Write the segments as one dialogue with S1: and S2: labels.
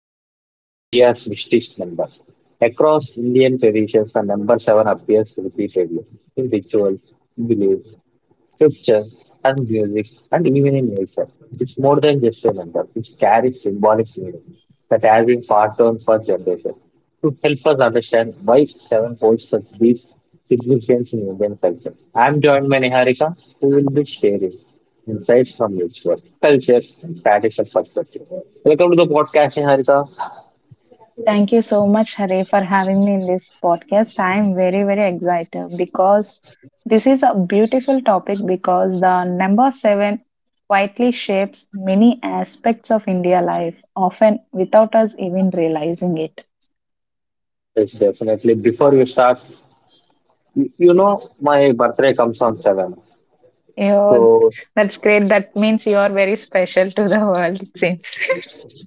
S1: the unpacking India's mystic number. Across Indian traditions, the number seven appears repeatedly in rituals, beliefs, pictures and music and even in nature. It's more than just a number. It carries symbolic meaning that has been passed on for generations. To help us understand why seven holds such deep significance in Indian culture, I'm joined by Niharika, who will be sharing insights from ritual, culture, and traditional perspective. Welcome to the podcast, Niharika.
S2: Thank you so much, Hare, for having me in this podcast. I am very, very excited because this is a beautiful topic because the number seven quietly shapes many aspects of India life, often without us even realizing it.
S1: Yes, definitely. Before you start, you know my birthday comes on 7.
S2: You
S1: So
S2: that's great. That means you are very special to the world, it seems.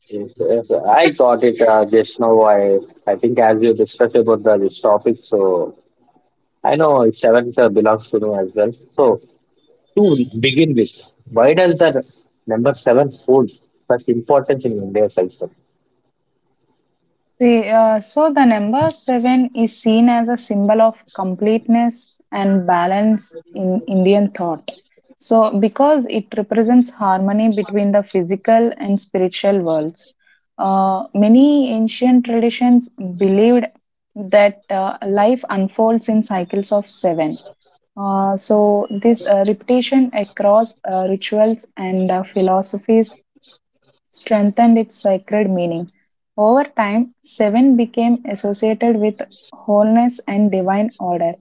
S1: yes, yes, I got it just now. I think as you discussed about this topic, so I know it's seven belongs to me as well. So to begin with, why does the number seven hold such importance in India culture?
S2: So the number seven is seen as a symbol of completeness and balance in Indian thought. So, because it represents harmony between the physical and spiritual worlds, many ancient traditions believed that life unfolds in cycles of seven. This repetition across rituals and philosophies strengthened its sacred meaning. Over time, seven became associated with wholeness and divine order,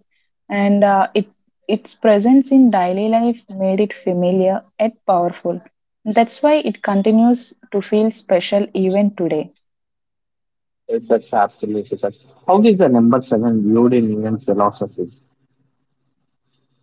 S2: and its presence in daily life made it familiar yet powerful. That's why it continues to feel special even today.
S1: That's absolutely such. How is the number seven viewed in Indian philosophy?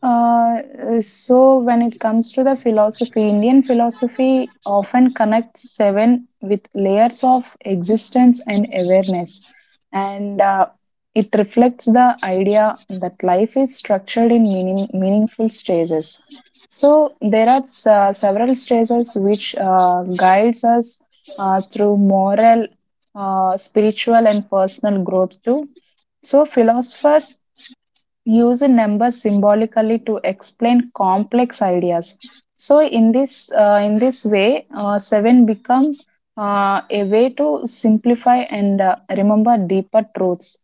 S2: Uh, so when it comes to the philosophy, Indian philosophy often connects seven with layers of existence and awareness, and it reflects the idea that life is structured in meaningful stages. So there are several stages which guides us through moral, spiritual, and personal growth too. So philosophers use numbers symbolically to explain complex ideas. So in this way, seven become a way to simplify and remember deeper truths.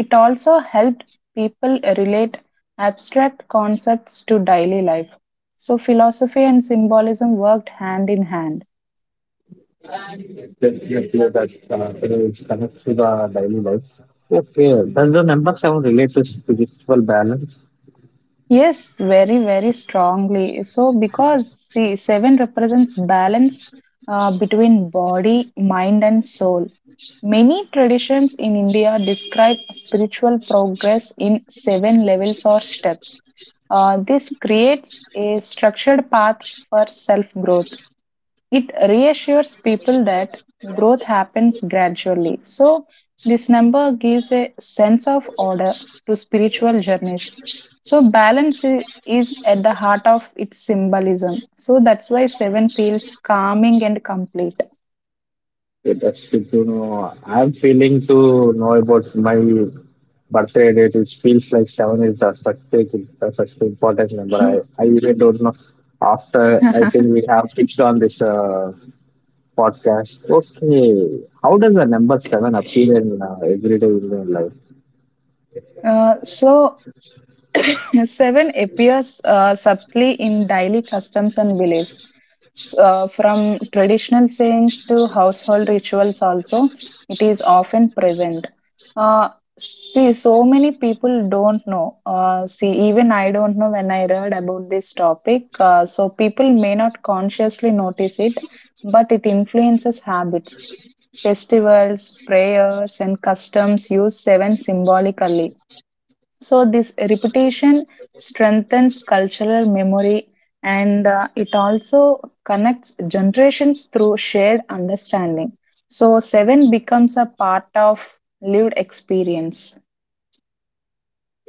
S2: It also helped people relate abstract concepts to daily life. So philosophy and symbolism worked hand in hand.
S1: Definitely, that it is connected to the daily life. Okay, does the number seven relate to spiritual balance?
S2: Yes, very, very strongly. Seven represents balance between body, mind, and soul. Many traditions in India describe spiritual progress in seven levels or steps. This creates a structured path for self growth. It reassures people that growth happens gradually. So, this number gives a sense of order to spiritual journeys. So, balance is at the heart of its symbolism. So, that's why seven feels calming and complete.
S1: Yeah, that's good to know. I'm feeling to know about my birthday date. It feels like seven is the such big, the such important number. I even don't know. After I
S2: uh,
S1: think we have fixed on this podcast. Okay, how does the number seven appear in everyday Indian life?
S2: so, Seven appears subtly in daily customs and beliefs, from traditional sayings to household rituals. Also, it is often present. Uh, See, so many people don't know. See, even I don't know when I read about this topic. So people may not consciously notice it, but it influences habits. Festivals, prayers, and customs use seven symbolically. So, this repetition strengthens cultural memory, and it also connects generations through shared understanding. So, seven becomes a part of lived experience.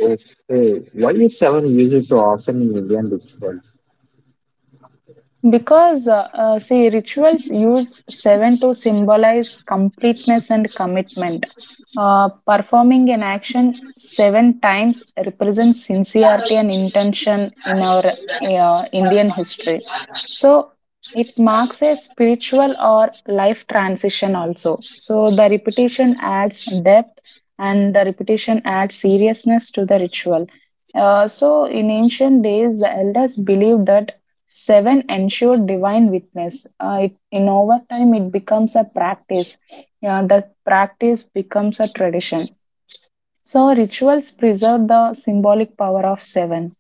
S1: Okay, why is seven used so often in Indian rituals?
S2: Rituals use seven to symbolize completeness and commitment. Performing an action seven times represents sincerity and intention in our Indian history. So, it marks a spiritual or life transition also. So, the repetition adds depth and the repetition adds seriousness to the ritual. In ancient days, the elders believed that seven ensure divine witness. In over time, it becomes a practice. Yeah, the practice becomes a tradition. So, rituals preserve the symbolic power of seven.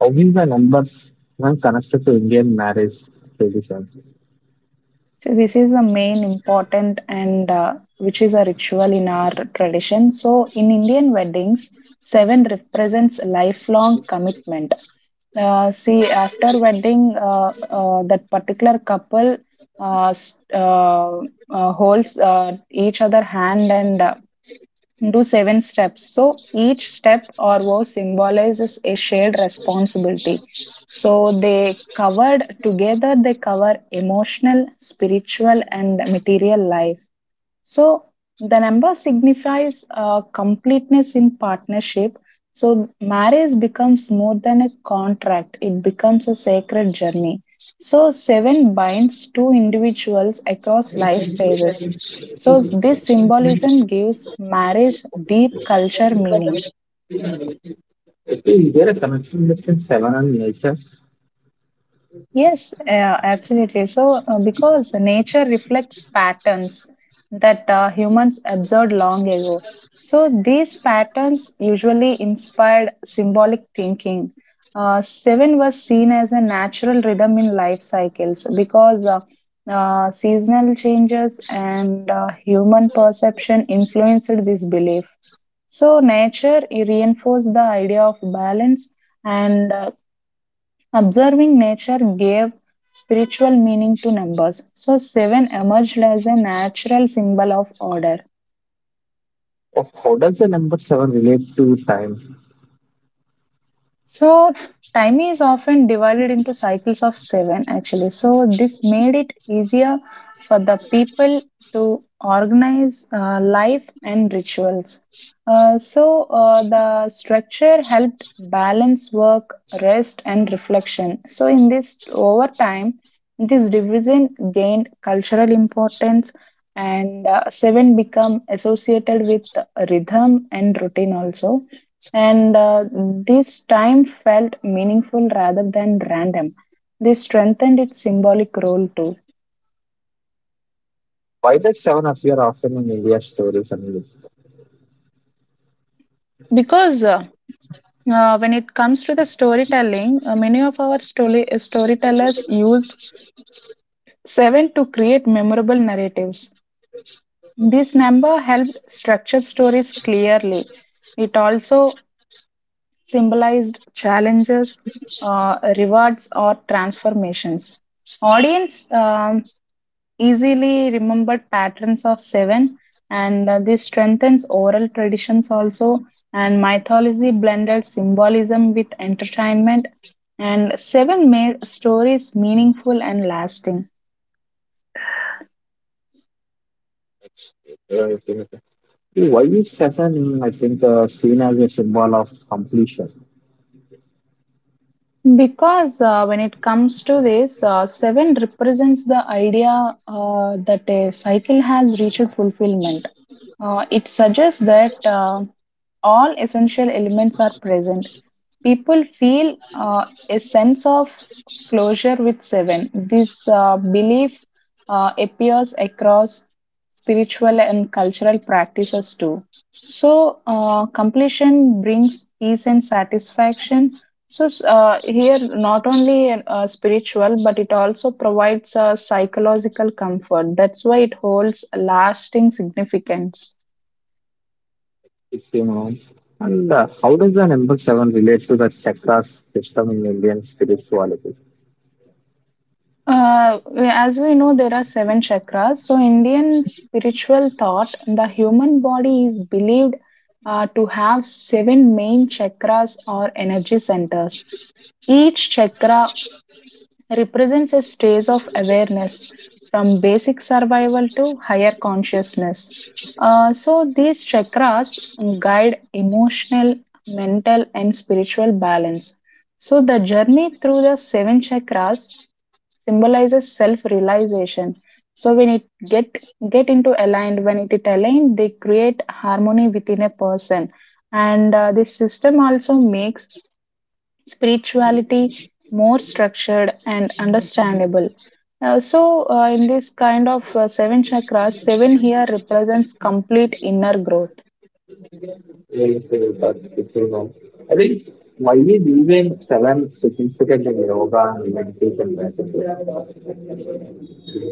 S1: How is the number seven connected to Indian marriage tradition?
S2: So, this is the main important and which is a ritual in our tradition. So, in Indian weddings, seven represents lifelong commitment. See, after wedding, that particular couple uh, s- uh, holds each other hand and do seven steps. So each step or vow symbolizes a shared responsibility. So they covered together. They cover emotional, spiritual, and material life. So the number signifies completeness in partnership. So marriage becomes more than a contract, it becomes a sacred journey. So seven binds two individuals across life stages. So this symbolism gives marriage deep culture meaning.
S1: Okay, is there a connection between seven and nature?
S2: Yes, absolutely. Because nature reflects patterns that humans observed long ago. So, these patterns usually inspired symbolic thinking. Seven was seen as a natural rhythm in life cycles because seasonal changes and human perception influenced this belief. So, nature reinforced the idea of balance, and observing nature gave spiritual meaning to numbers, so 7 emerged as a natural symbol of order.
S1: Oh, how does the number seven relate to time?
S2: So, time is often divided into cycles of seven, actually. So, this made it easier for the people to organize life and rituals. The structure helped balance work, rest, and reflection. So, in this over time, this division gained cultural importance, and seven become associated with rhythm and routine also, and this time felt meaningful rather than random. This strengthened its symbolic role too.
S1: Why does seven appear often in India's stories and myths?
S2: Because When it comes to the storytelling, many of our storytellers used seven to create memorable narratives. This number helped structure stories clearly. It also symbolized challenges, rewards, or transformations. Audience easily remembered patterns of seven, and this strengthens oral traditions also. And mythology blended symbolism with entertainment, and seven made stories meaningful and lasting.
S1: Okay. Why is seven, seen as a symbol of completion?
S2: Because When it comes to this, seven represents the idea that a cycle has reached fulfillment. It suggests that all essential elements are present. People feel a sense of closure with seven. This belief appears across spiritual and cultural practices too. So, completion brings peace and satisfaction. So, here not only spiritual, but it also provides a psychological comfort. That's why it holds lasting significance.
S1: If you know. And how does the number seven relate to the chakras system in Indian spirituality?
S2: As we know, there are seven chakras. So, Indian spiritual thought, the human body is believed to have seven main chakras or energy centers. Each chakra represents a stage of awareness from basic survival to higher consciousness. These chakras guide emotional, mental, and spiritual balance. So, the journey through the seven chakras symbolizes self-realization. So when it get into aligned, when it is aligned, they create harmony within a person. And this system also makes spirituality more structured and understandable. In this kind of seven chakras, seven here represents complete inner growth.
S1: Well, but if you know, I think why is even seven significant in yoga and meditation practices?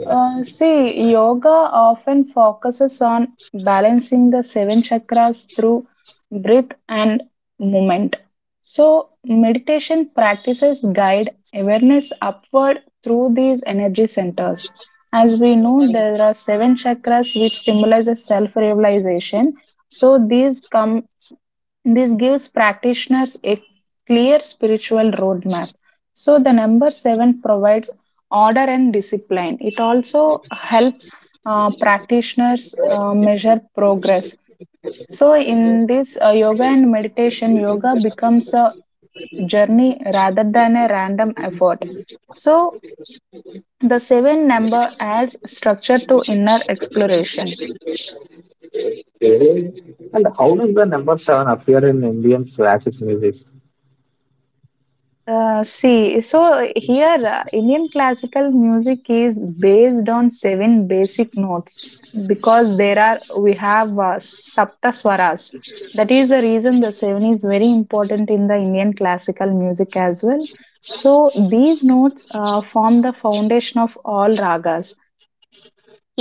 S2: Yoga often focuses on balancing the seven chakras through breath and movement. So, meditation practices guide awareness upward through these energy centers. As we know, there are seven chakras which symbolizes self-realization. So, these come this gives practitioners a clear spiritual roadmap. So, the number seven provides order and discipline. It also helps practitioners measure progress. So, in this yoga and meditation, yoga becomes a journey rather than a random effort. So, the seven number adds structure to inner exploration.
S1: Okay, and how does the number seven appear in Indian classic music?
S2: See, so here Indian classical music is based on seven basic notes because there are we have sapta swaras. That is the reason the seven is very important in the Indian classical music as well. So these notes form the foundation of all ragas.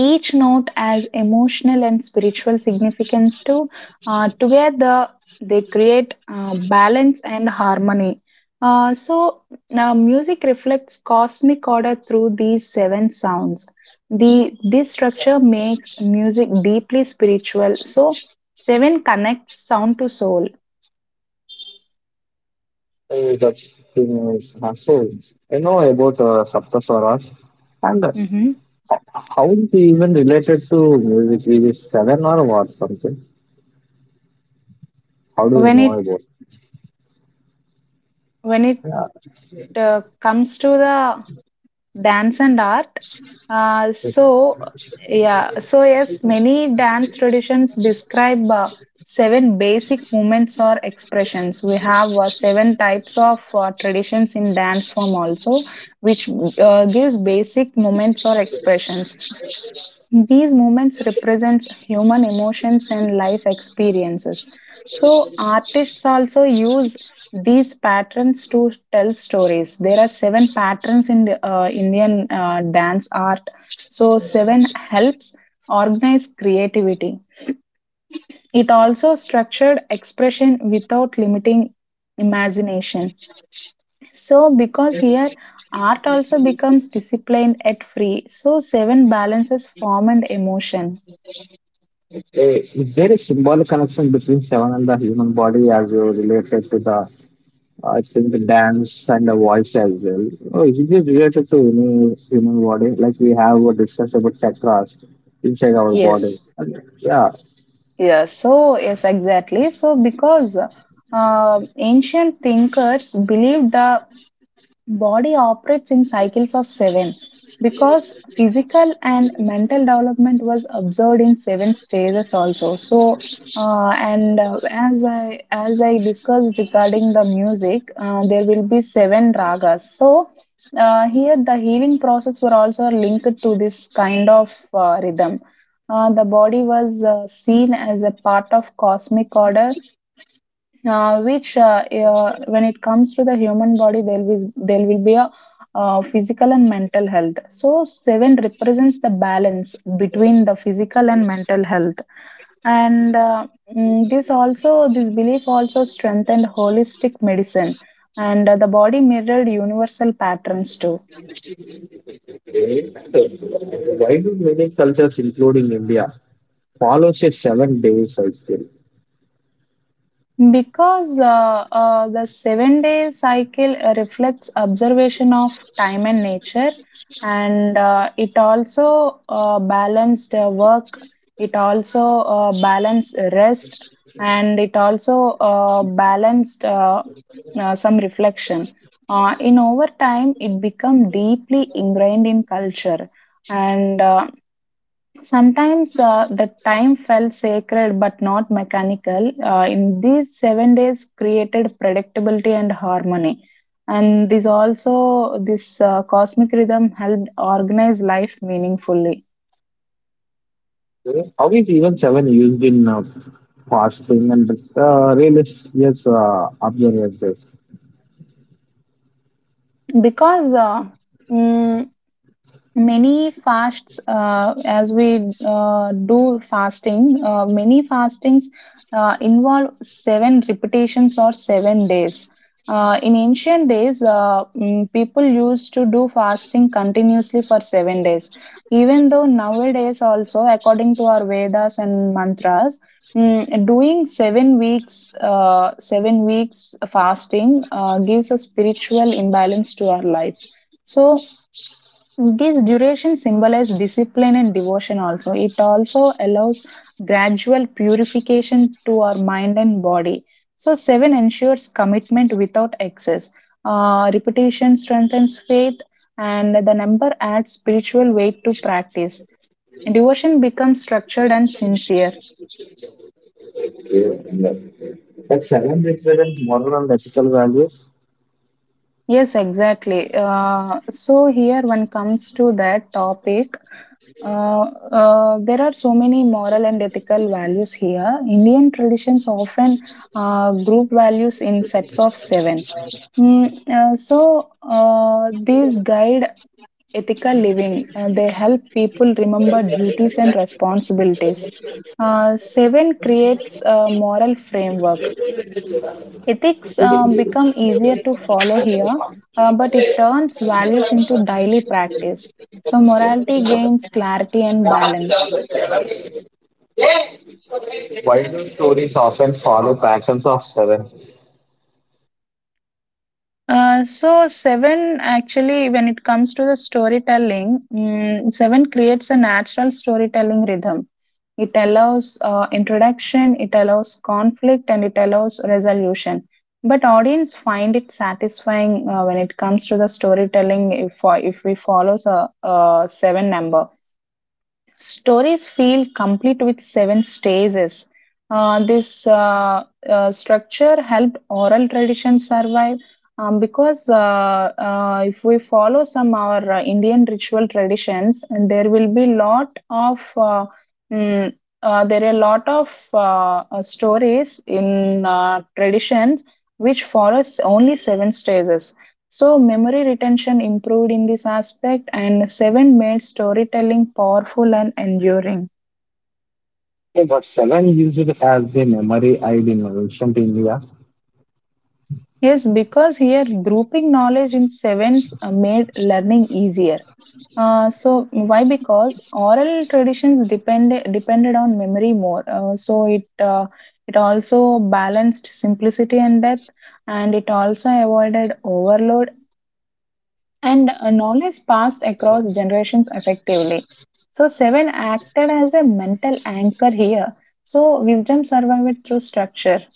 S2: Each note has emotional and spiritual significance too. Together, they create balance and harmony. Uh, so, Now music reflects cosmic order through these seven sounds. The this structure makes music deeply spiritual. So, seven connects sound to soul.
S1: Hey, the thing uh, so I know about Saptaswaras and
S2: Mhm.
S1: how is it even related to music? Is it seven or what something? How do you
S2: When
S1: know
S2: it
S1: about?
S2: when it
S1: Yeah,
S2: uh, comes to the dance and art. Uh,
S1: is,
S2: so, yes, many dance traditions describe seven basic movements or expressions. We have seven types of traditions in dance form also, which gives basic movements or expressions. These moments represents human emotions and life experiences. So artists also use these patterns to tell stories. There are seven patterns in the, Indian dance art. So seven helps organize creativity. It also structured expression without limiting imagination. So because here art also becomes disciplined at free. So seven balances form and emotion.
S1: is there a symbolic connection between seven and the human body as you related to the I think the dance and the voice as well? Oh, is it related to any human body? Like we have discussed about chakras inside our body.
S2: Yes.
S1: Yeah.
S2: Exactly. So because ancient thinkers believed the body operates in cycles of 7 because physical and mental development was observed in 7 stages also. So and as I discussed regarding the music, there will be 7 ragas. So here the healing process were also linked to this kind of rhythm. The body was seen as a part of cosmic order, which when it comes to the human body there will be a physical and mental health, so 7 represents the balance between the physical and mental health, and mm, this also this belief also strengthened holistic medicine, and the body mirrored universal patterns too.
S1: Why do many cultures, including India, follows a seven-day cycle?
S2: Because The 7-day cycle reflects observation of time and nature, and it also balanced work, it also balanced rest, and it also balanced some reflection. In over time, it become deeply ingrained in culture, and sometimes the time felt sacred but not mechanical. In these 7 days, created predictability and harmony. And this also, this cosmic rhythm helped organize life meaningfully.
S1: How is even seven used in fasting and religious observances?
S2: Because uh, mm, Many fasts, as we do fasting, many fastings involve seven repetitions or 7 days. In ancient days, people used to do fasting continuously for 7 days. Even though nowadays, also according to our Vedas and mantras, doing 7 weeks, 7 weeks fasting gives a spiritual imbalance to our life. So this duration symbolizes discipline and devotion also. It also allows gradual purification to our mind and body. So, seven ensures commitment without excess. Repetition strengthens faith, and the number adds spiritual weight to practice. Devotion becomes structured and sincere.
S1: That seven represents moral and ethical values.
S2: Yes, exactly. So here, when comes to that topic, there are so many moral and ethical values here. Indian traditions often group values in sets of seven. These guide ethical living. They help people remember duties and responsibilities. Seven creates a moral framework. Ethics become easier to follow here, but it turns values into daily practice. So, morality gains clarity and balance.
S1: Why do stories often follow patterns of seven?
S2: So, seven actually, when it comes to the storytelling, seven creates a natural storytelling rhythm. It allows introduction, it allows conflict, and it allows resolution. But audience find it satisfying when it comes to the storytelling. If, for if we follow a seven number. Stories feel complete with seven stages. This Structure helped oral tradition survive because if we follow some our Indian ritual traditions, and there will be lot of mm, there are a lot of stories in traditions which follows only seven stages. So, memory retention improved in this aspect, and seven made storytelling powerful and enduring.
S1: Yeah, but seven used as the memory aid in ancient India?
S2: Yes, because here grouping knowledge in sevens made learning easier. So why? Because oral traditions depended on memory more. It also balanced simplicity and depth, and it also avoided overload, and knowledge passed across generations effectively. So, seven acted as a mental anchor here. So, wisdom survived through structure,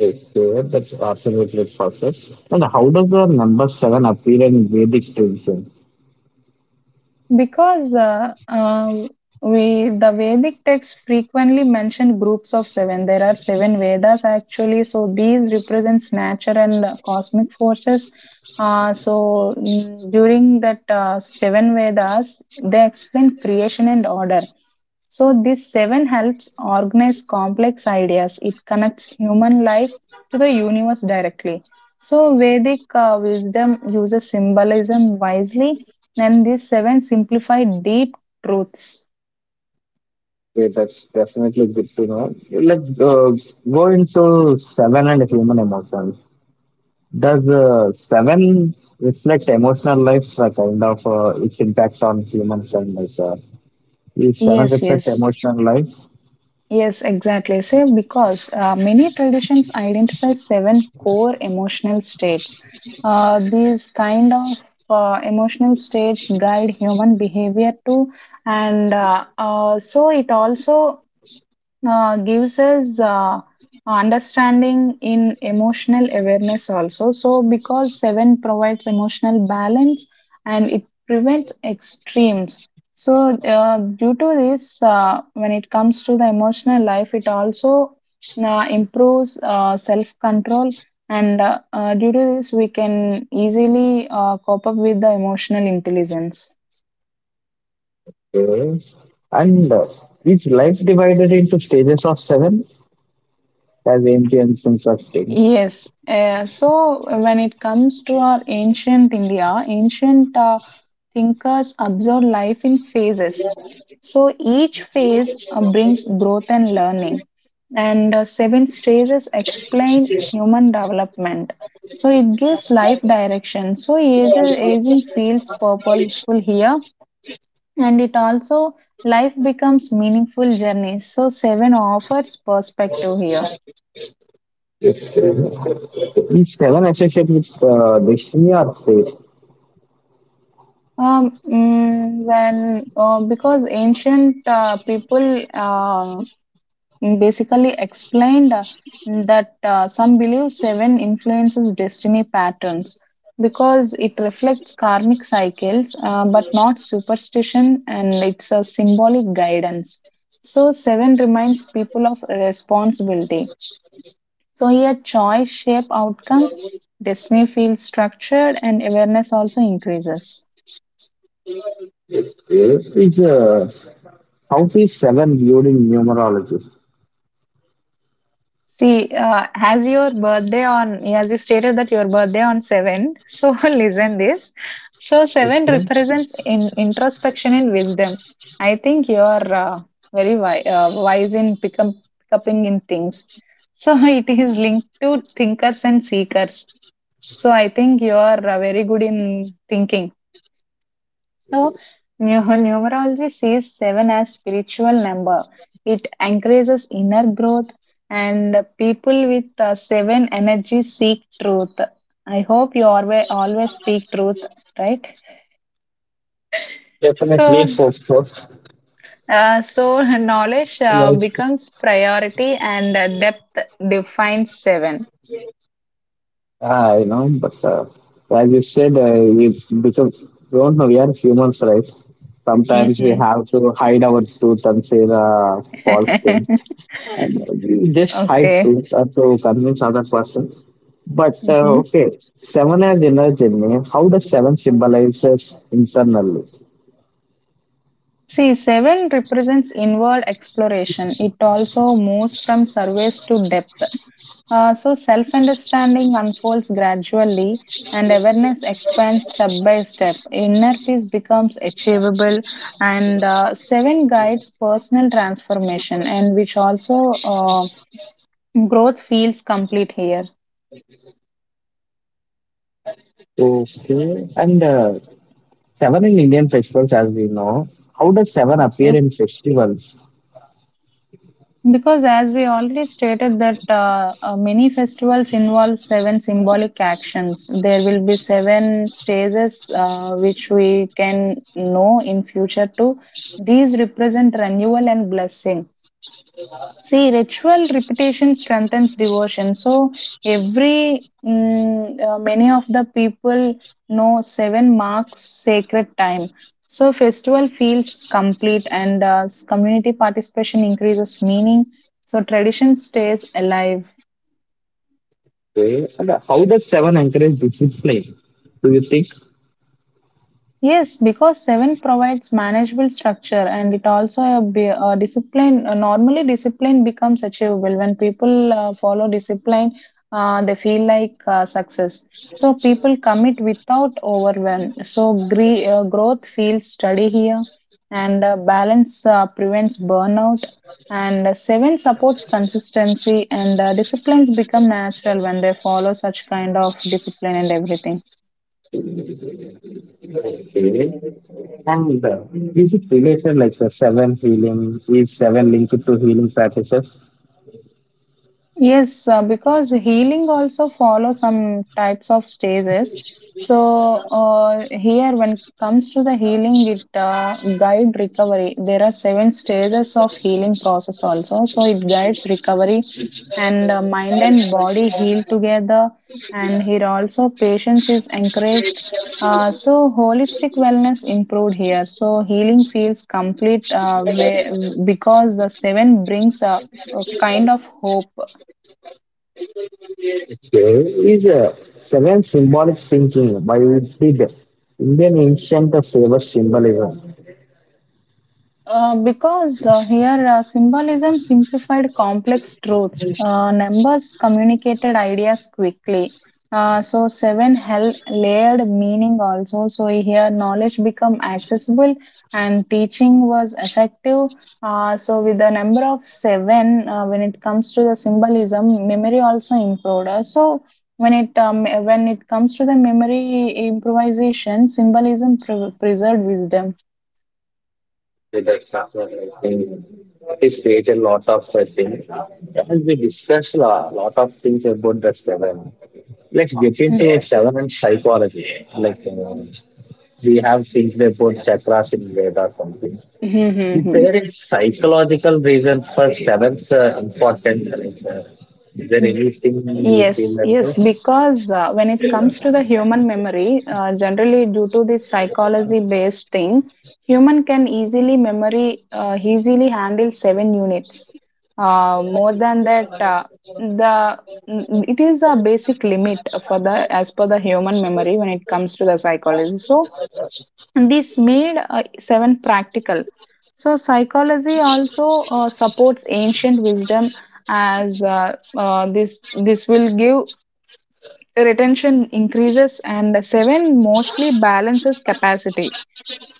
S1: Okay, that's absolutely perfect. And how does the number seven appear in Vedic tradition?
S2: because we the Vedic texts frequently mention groups of seven. There are seven Vedas actually. So, these represents nature and cosmic forces. During that seven Vedas, they explain creation and order. So, this seven helps organize complex ideas. It connects human life to the universe directly. So, Vedic wisdom uses symbolism wisely, and these seven simplify deep truths.
S1: Okay, that's definitely good to know. Let's go into seven and human emotions. Does seven reflect emotional life, kind of its impact on human kindness? Is seven
S2: Yes,
S1: reflect
S2: yes,
S1: emotional life?
S2: yes, exactly. So, because many traditions identify seven core emotional states, these kind of emotional states guide human behavior too, and so it also gives us understanding in emotional awareness also. So because 7 provides emotional balance and it prevents extremes. So due to this, when it comes to the emotional life, it also improves self control, and due to this we can easily cope up with the emotional intelligence.
S1: Okay. And is life divided into stages of seven as ancient instructed?
S2: Yes. So when it comes to our ancient India, ancient thinkers observe life in phases. So each phase brings growth and learning. And seven stages explain human development. So it gives life direction. So aging feels purposeful here. And it also, life becomes meaningful journeys. So seven offers perspective here.
S1: These seven associated with destiny or fate.
S2: Mm, when because ancient people basically explained that some believe seven influences destiny patterns because it reflects karmic cycles, but not superstition, and it's a symbolic guidance. So seven reminds people of responsibility. So here, choice shape outcomes, destiny feels structured, and awareness also increases.
S1: Is how is seven viewed in numerology?
S2: See, as you stated that your birthday on 7, so listen this. So 7
S1: Okay.
S2: represents in introspection and wisdom. I think you're wise in pick upping in things. So it is linked to thinkers and seekers. So I think you're very good in thinking. So, numerology sees seven as spiritual number. It encourages inner growth, and people with seven energy seek truth. I hope you always always speak truth, right?
S1: Definitely
S2: So,
S1: for sure.
S2: so knowledge
S1: Yes,
S2: becomes priority, and depth defines seven.
S1: I know, but as you said, we because we don't know we are humans, right? Sometimes we
S2: Hmm.
S1: have to hide our truth and say the false thing, and we just hide
S2: Okay.
S1: truth to convince other person. But
S2: Mm-hmm.
S1: okay, seven has inner journey. How does seven symbolizes internally?
S2: See, seven represents inward exploration. It also moves from surface to depth. Self understanding unfolds gradually, and awareness expands step by step. Inner peace becomes achievable, and seven guides personal transformation, and which also growth feels complete here.
S1: Okay, and seven in Indian festivals, as we know, how does seven appear
S2: Okay.
S1: in festivals?
S2: Because as we already stated that many festivals involve seven symbolic actions. There will be seven stages which we can know in future too. These represent renewal and blessing. See, ritual repetition strengthens devotion. So, every many of the people know seven marks sacred time. So, festival feels complete and community participation increases meaning. So, tradition stays alive.
S1: Okay, and how does seven encourage discipline? Do you think?
S2: Yes, because 7 provides manageable structure and it also a discipline. Normally, discipline becomes achievable. When people follow discipline, they feel like success. So, people commit without overwhelm. So, growth feels steady here, and balance prevents burnout. And 7 supports consistency, and disciplines become natural when they follow such kind of discipline and everything.
S1: Okay, and is it related like the seven healing? Is seven linked to healing practices?
S2: Yes, because healing also follows some types of stages. Here, when it comes to the healing, it guide recovery. There are seven stages of healing process also. So it guides recovery, and mind and body heal together. And here also, patience is encouraged. So holistic wellness improved here. So healing feels complete way, because the seven brings a kind of hope.
S1: Okay, is seven symbolic thinking? Why did Indian ancient favor symbolism?
S2: Because here symbolism simplified complex truths. Numbers communicated ideas quickly. So seven held layered meaning also. So here knowledge become accessible and teaching was effective. So with the number of seven, when it comes to the symbolism, memory also improved. When it um, when it comes to the memory improvisation, symbolism preserved wisdom.
S1: With the chocolate, I think it is created a lot of things. As we discussed a lot, lot of things about the seven, let's get
S2: Mm.
S1: into seven and psychology. We have things about chakras in Veda or something.
S2: Mhm,
S1: Is
S2: mhm, mhm.
S1: there a psychological reason for seven's importance? Is there
S2: Mm,
S1: anything you feel
S2: Yes,
S1: like
S2: yes,
S1: this?
S2: because when it comes to the human memory, generally due to this psychology-based thing, human can easily memory easily handle seven units. More than that, the it is a basic limit for the as per the human memory when it comes to the psychology. So and this made seven practical. So psychology also supports ancient wisdom, as this this will give retention increases, and seven mostly balances capacity.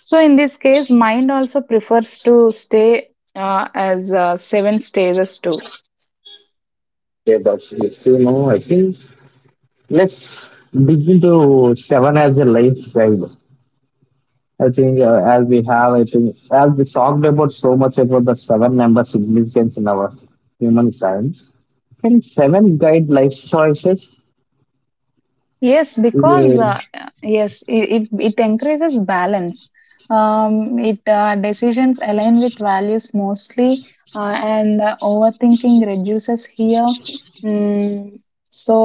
S2: So in this case mind also prefers to stay as seven stages too.
S1: Yeah, that's it. You know, I think let's dig into seven as a life guide. I think as we have, I think as we talked about so much about the seven-member significance in our human science, can seven guide life choices?
S2: Yes, because
S1: Yeah.
S2: yes, it it encourages balance. It decisions align with values mostly, and overthinking reduces here. Mm, so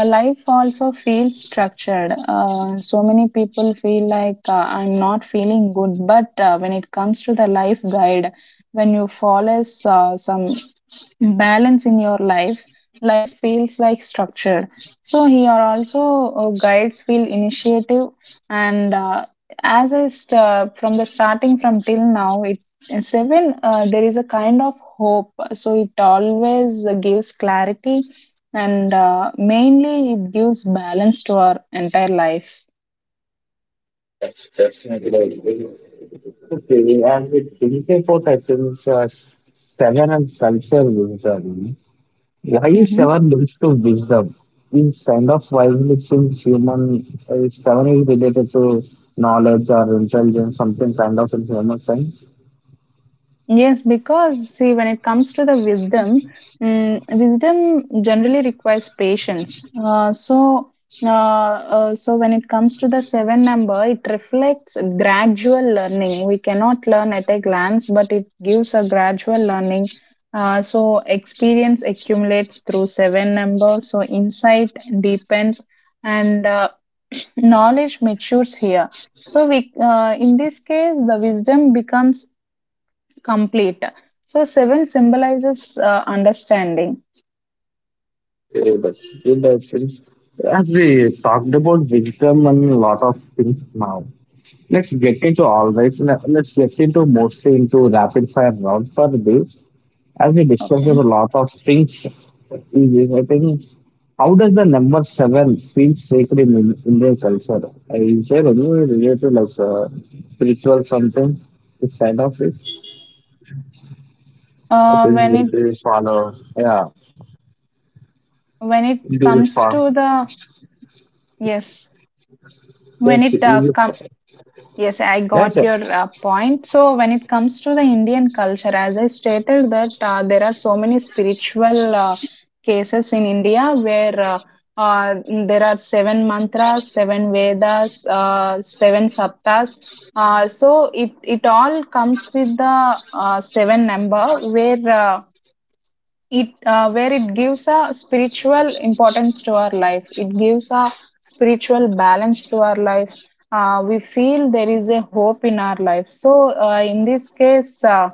S2: life also feels structured. So many people feel like I'm not feeling good, but when it comes to the life guide, when you follow some balance in your life, life feels like structure. So here also guides feel initiative, and from the starting from till now, it seven there is a kind of hope, so it always gives clarity, and mainly it gives balance to our entire life.
S1: That's definitely. Okay, and we think about I think seven and culture wisdom. Why is
S2: Hmm.
S1: seven linked to wisdom? Is kind of wisely since human seven is related to knowledge or intelligence, something kind of in human science.
S2: Yes, because see, when it comes to the wisdom, wisdom generally requires patience. So when it comes to the seven number, it reflects gradual learning. We cannot learn at a glance, but it gives a gradual learning. Experience accumulates through seven number. So, insight deepens, and knowledge matures here. So, we in this case, the wisdom becomes complete. So seven symbolizes understanding.
S1: Yeah, but in that think as we talked about wisdom and a lot of things now, let's get into all right. Let's get into mostly into rapid fire round for this. As we discussed
S2: Okay.
S1: about a lot of things, I think how does the number seven feel sacred in Indian culture? Is there any related like spiritual something inside of it? I
S2: Uh,
S1: think
S2: when
S1: we
S2: it
S1: do follow. Yeah,
S2: when it
S1: do it
S2: comes
S1: for
S2: to the yes, when
S1: yes, we
S2: it
S1: do
S2: com-
S1: follow.
S2: Yes, I
S1: That's
S2: got
S1: it.
S2: your point. So, when it comes to the Indian culture, as I stated, that there are so many spiritual cases in India where uh, there are seven mantras, seven Vedas, seven saptas. It all comes with the seven number where it where it gives a spiritual importance to our life. It gives a spiritual balance to our life. We feel there is a hope in our life. So in this case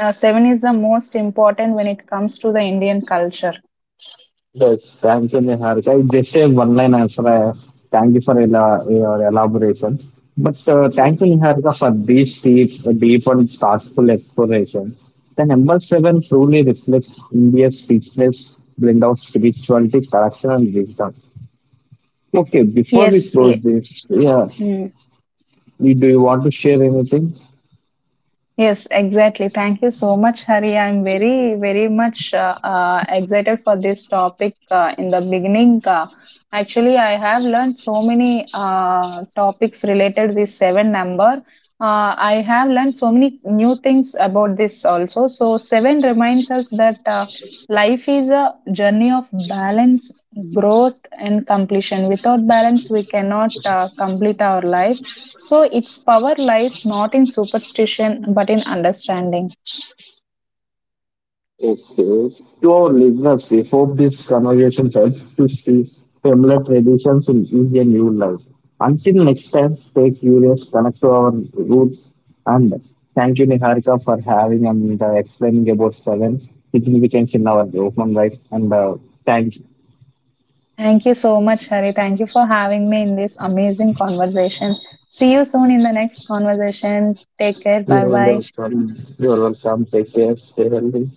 S2: seven is the most important when it comes to the Indian culture.
S1: Yes, thank you, Niharika. Just a one-line answer. Thank you for your elaboration. But
S2: Ye-
S1: thank you, Niharika, for this deep, deep and thoughtful exploration. The number seven truly reflects India's richness, blend of spirituality, correction, and wisdom. Okay, before we
S2: yes,
S1: close
S2: yes.
S1: this, yeah,
S2: Mm.
S1: do you want to share anything?
S2: Yes, exactly. Thank you so much, Hari. I'm very, very much excited for this topic. Actually, I have learned so many topics related this seven number. I have learned so many new things about this also. So seven reminds us that life is a journey of balance, growth, and completion. Without balance, we cannot complete our life, so its power lies not in superstition but in understanding.
S1: Okay. To our listeners, we hope this conversation helps to see similar traditions in easier new life. Until next time, stay curious, connect to our roots, and thank you, Niharika, for having and explaining about seven significance in our human life. And thank you.
S2: Thank you so much, Hari. Thank you for having me in this amazing conversation. See you soon in the next conversation. Take care. Bye
S1: You're
S2: bye.
S1: welcome. You're welcome. Take care. Stay healthy.